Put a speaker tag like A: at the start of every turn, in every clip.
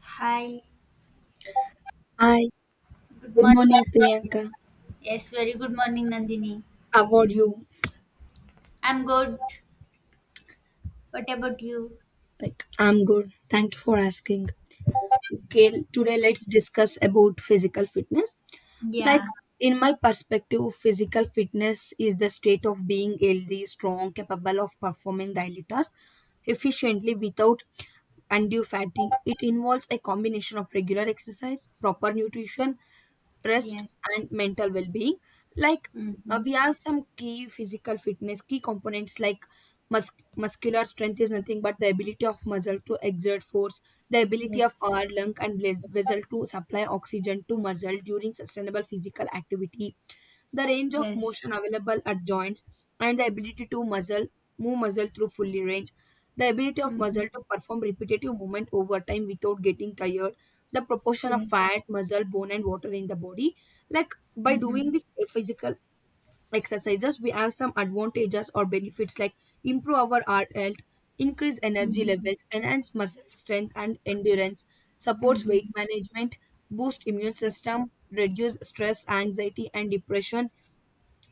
A: Hi,
B: Hi,
A: good
B: good
A: morning.
B: morning, Priyanka.
A: Yes, very good morning, Nandini.
B: How are you?
A: I'm good. What about you?
B: I'm good. Thank you for asking. Okay, today let's discuss about physical fitness. Like,
A: Yeah,
B: in my perspective, physical fitness is the state of being healthy, strong, capable of performing daily tasks efficiently without undue fatigue. It involves a combination of regular exercise, proper nutrition, rest
A: yes.
B: and mental well-being like
A: Mm-hmm.
B: we have some key physical fitness key components like muscular strength is nothing but the ability of muscle to exert force, the ability of
A: Yes,
B: our lung and vessel to supply oxygen to muscle during sustainable physical activity, the range of
A: yes.
B: motion available at joints, and the ability to muscle move muscle through fully range, the ability of muscle
A: Mm-hmm.
B: to perform repetitive movement over time without getting tired, the proportion of
A: Yes.
B: fat, muscle, bone, and water in the body. Like by
A: Mm-hmm.
B: doing the physical exercises, we have some advantages or benefits like improve our heart health, increase energy
A: Mm-hmm.
B: levels, enhance muscle strength and endurance, supports weight
A: Mm-hmm.
B: management, boost immune
A: Yes.
B: system, reduce stress, anxiety, and depression,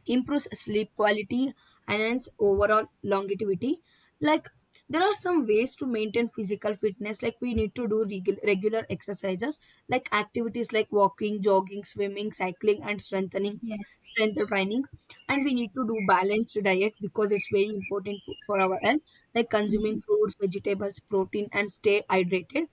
B: improves sleep quality, enhance overall longevity. Like there are some ways to maintain physical fitness. Like we need to do regular exercises, like activities like walking, jogging, swimming, cycling, and
A: Yes.
B: strength training, and we need to do balanced diet because it's very important for our health, like consuming
A: Mm-hmm.
B: fruits, vegetables, protein and stay hydrated.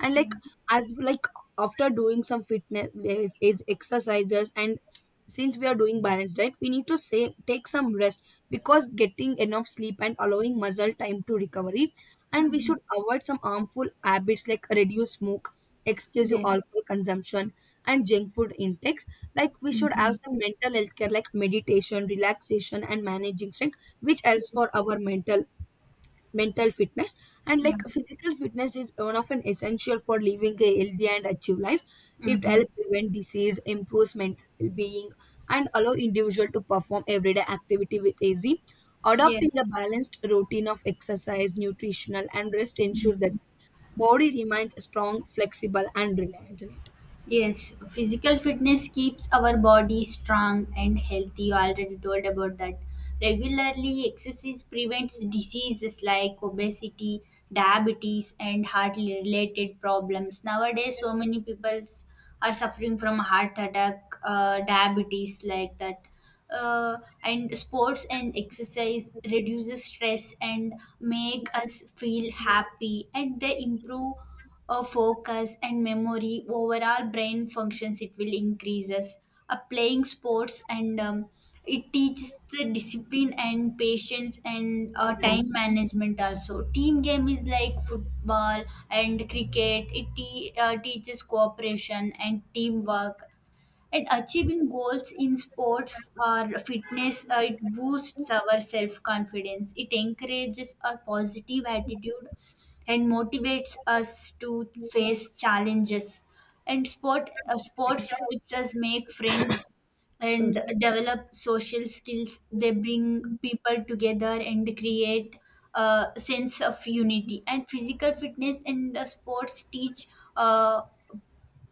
B: And
A: Yeah.
B: like as like after doing some fitness eh, is exercises, and since we are doing balanced diet, we need to say take some rest because getting enough sleep and allowing muscle time to recovery. And we
A: Mm-hmm.
B: should avoid some harmful habits like reduce smoke, excessive
A: Yes.
B: alcohol consumption, and junk food intakes. Like we should have
A: Mm-hmm.
B: some mental health care like meditation, relaxation, and managing stress, which helps for our mental fitness. And
A: Yeah.
B: like physical fitness is one of an essential for living a healthy and active life. It
A: Mm-hmm.
B: helps prevent disease, improves mental well-being, and allow individual to perform everyday activity with easy. Adopting
A: Yes.
B: a balanced routine of exercise, nutritional and rest ensures that body remains strong, flexible, and reliable.
A: Yes, physical fitness keeps our body strong and healthy. You already told about that. Regularly, exercise prevents diseases like obesity, diabetes, and heart related problems. Nowadays, so many people are suffering from heart attack, diabetes, like that. Uh, and sports and exercise reduces stress and make us feel happy, and they improve focus and memory. Overall brain functions it will increases. Uh, playing sports, and it teaches the discipline and patience, and time management also. Team game is like football and cricket, it teaches cooperation and teamwork, and achieving goals in sports or fitness, it boosts our self confidence. It encourages a positive attitude and motivates us to face challenges. And sports helps us make friends and
B: Sorry,
A: develop social skills. They bring people together and create a sense of unity. And physical fitness and sports teach. Uh,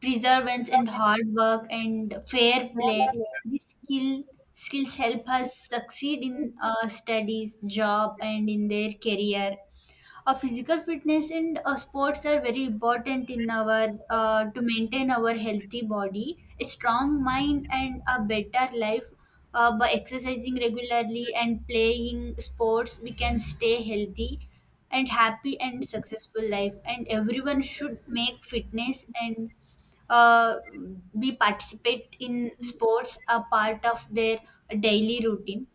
A: Perseverance and hard work and fair play. These skills help us succeed in studies, job, and in their career. Uh, physical fitness and sports are very important in our to maintain our healthy body, a strong mind, and a better life. Uh, by exercising regularly and playing sports, we can stay healthy and happy and successful life, and everyone should make fitness and uh, be participate in sports a part of their daily routine.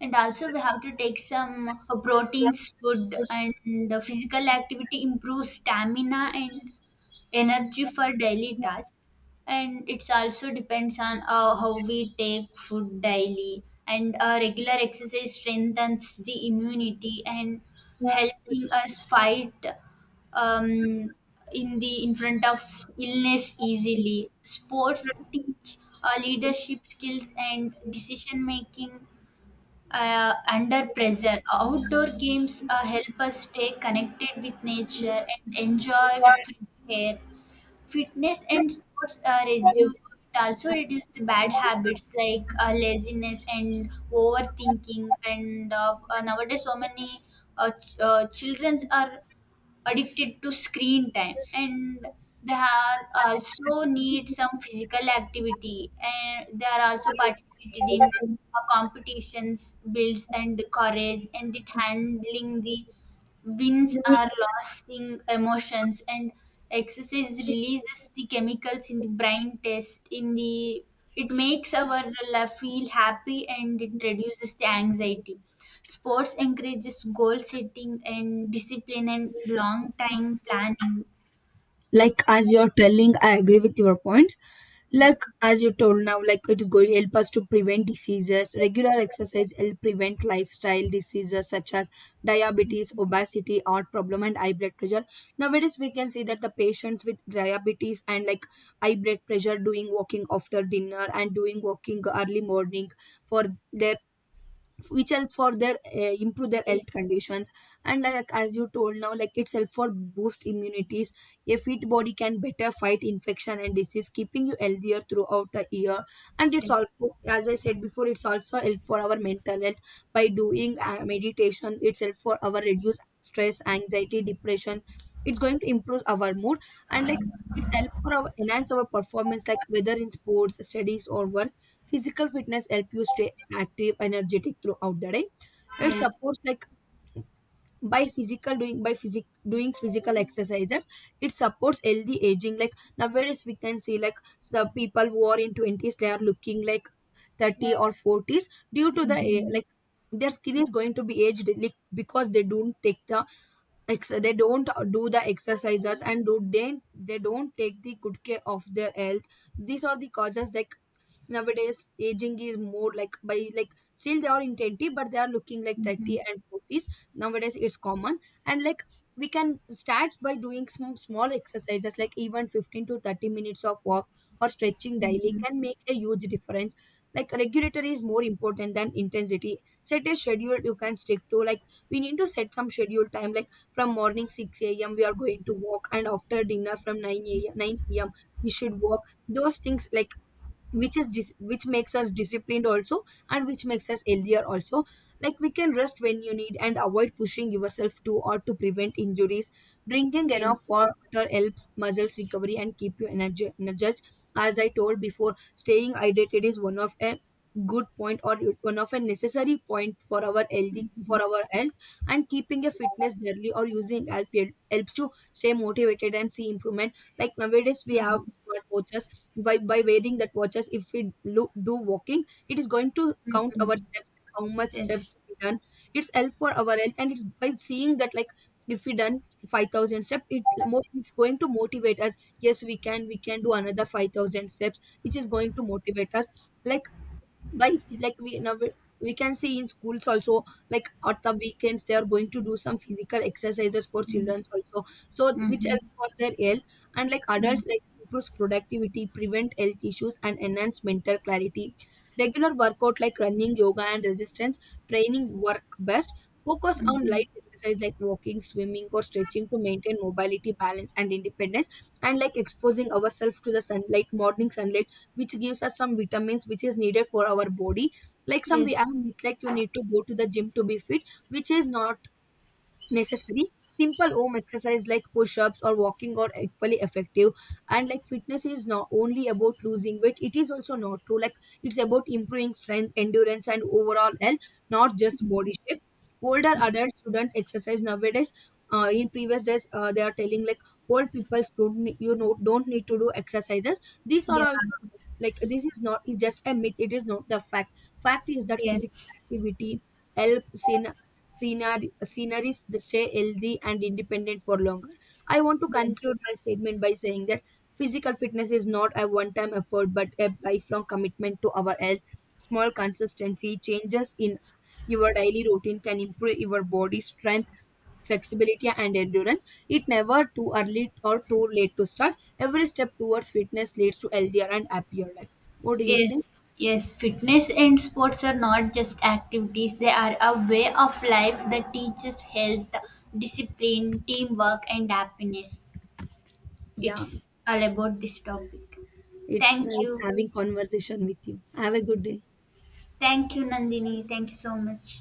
A: And also we have to take some proteins food, and physical activity improves stamina and energy for daily tasks. And it's also depends on how we take food daily, and regular exercise strengthens the immunity and helping us fight um, in the in front of illness easily. Sports teach leadership skills and decision making under pressure. Outdoor games help us stay connected with nature and enjoy with free air. Fitness and sports reduce it, also reduce the bad habits like laziness and overthinking. And nowadays, so many children are addicted to screen time, and they are also need some physical activity, and they are also participated in competitions, builds and courage, and it handling the wins are lasting emotions, and exercise releases the chemicals in the brain. Test in the it makes our life feel happy, and it reduces the anxiety. Sports encourages goal setting and discipline and long time planning.
B: like as you're telling, I agree with your points. Like as you told now, like it is going to help us to prevent diseases. Regular exercise help prevent lifestyle diseases such as diabetes, obesity, heart problem, and high blood pressure. Nowadays we can see that the patients with diabetes and like high blood pressure doing walking after dinner and doing walking early morning for their, which help for their improve their health
A: Yes,
B: conditions. And like as you told now, like it's help for boost immunities. A fit body can better fight infection and disease, keeping you healthier throughout the year. And it's
A: yes,
B: also, as I said before, it's also help for our mental health. By doing meditation, it's help for our reduce stress, anxiety, depressions. It's going to improve our mood. And like it's help for our enhance our performance, like whether in sports, studies or work. Physical fitness help you stay active, energetic throughout the day. It
A: yes.
B: supports like by physical exercises. It supports healthy aging. Like nowadays we can see like the people who are in twenties they are looking like thirty or forties due to the
A: Mm-hmm.
B: their skin is going to be aged like because they don't take the they don't do the exercises and do they don't take the good care of their health. These are the causes, like nowadays aging is more like, by like, still they are in 20 but they are looking like
A: Mm-hmm.
B: 30 and 40s. Nowadays it's common. And like we can start by doing some small exercises like even 15 to 30 minutes of walk or stretching daily can make a huge difference. Like regulatory is more important than intensity. Set a schedule you can stick to. Like we need to set some schedule time like from morning 6 a.m we are going to walk and after dinner from 9 a.m 9 p.m we should walk. Those things like which makes us disciplined also and which makes us healthier also. Like we can rest when you need and avoid pushing yourself too, or to prevent injuries. Drinking enough
A: Yes.
B: water helps muscles recovery and keep you energy energized. As I told before, staying hydrated is one of a good point or one of a necessary point for our
A: Mm-hmm.
B: health. And keeping a fitness daily or using helps to stay motivated and see improvement. Like nowadays, we have
A: Mm-hmm.
B: smart watches. By wearing that watches, if we do walking, it is going to count our
A: Mm-hmm.
B: steps, like how much steps
A: Yes.
B: we done. It's help for our health, and it's by seeing that like if we done 5,000 steps, it's going to motivate us. Yes, we can. We can do another 5,000 steps, which is going to motivate us. Like by phys- like we now we can see in schools also, like at the weekends they are going to do some physical exercises for children
A: Yes.
B: also, so which
A: Mm-hmm.
B: helps for their health. And like
A: Mm-hmm.
B: adults like improves productivity, prevent health issues and enhance mental clarity. Regular workout like running, yoga and resistance training work best. Focus on
A: Mm-hmm.
B: light exercise like walking, swimming or stretching to maintain mobility, balance and independence. And like exposing ourselves to the sunlight, morning sunlight, which gives us some vitamins which is needed for our body. Like some we
A: Yes.
B: have myth like you need to go to the gym to be fit, which is not necessary. Simple home exercise like push-ups or walking are equally effective. And like fitness is not only about losing weight, it is also not true. Like it's about improving strength, endurance and overall health, not just body shape. Older adults shouldn't exercise nowadays, in previous days they are telling like old people don't ne- you know don't need to do exercises. These are
A: Yeah,
B: also like, this is not, is just a myth. It is not the fact. Fact is that physical
A: yes,
B: activity helps in scenery, sceneries they stay healthy and independent for longer. I want to
A: yes,
B: conclude my statement by saying that physical fitness is not a one time effort but a lifelong commitment to our health. Small consistency changes in your daily routine can improve your body strength, flexibility, and endurance. It never too early or too late to start. Every step towards fitness leads to healthier and happier life. What do you think?
A: yes, yes. Fitness and sports are not just activities, they are a way of life that teaches health, discipline, teamwork, and happiness.
B: Yeah,
A: It's all about this topic.
B: it's
A: Thank
B: nice
A: you.
B: having conversation with you. Have a good day.
A: Thank you, Nandini. Thank you so much.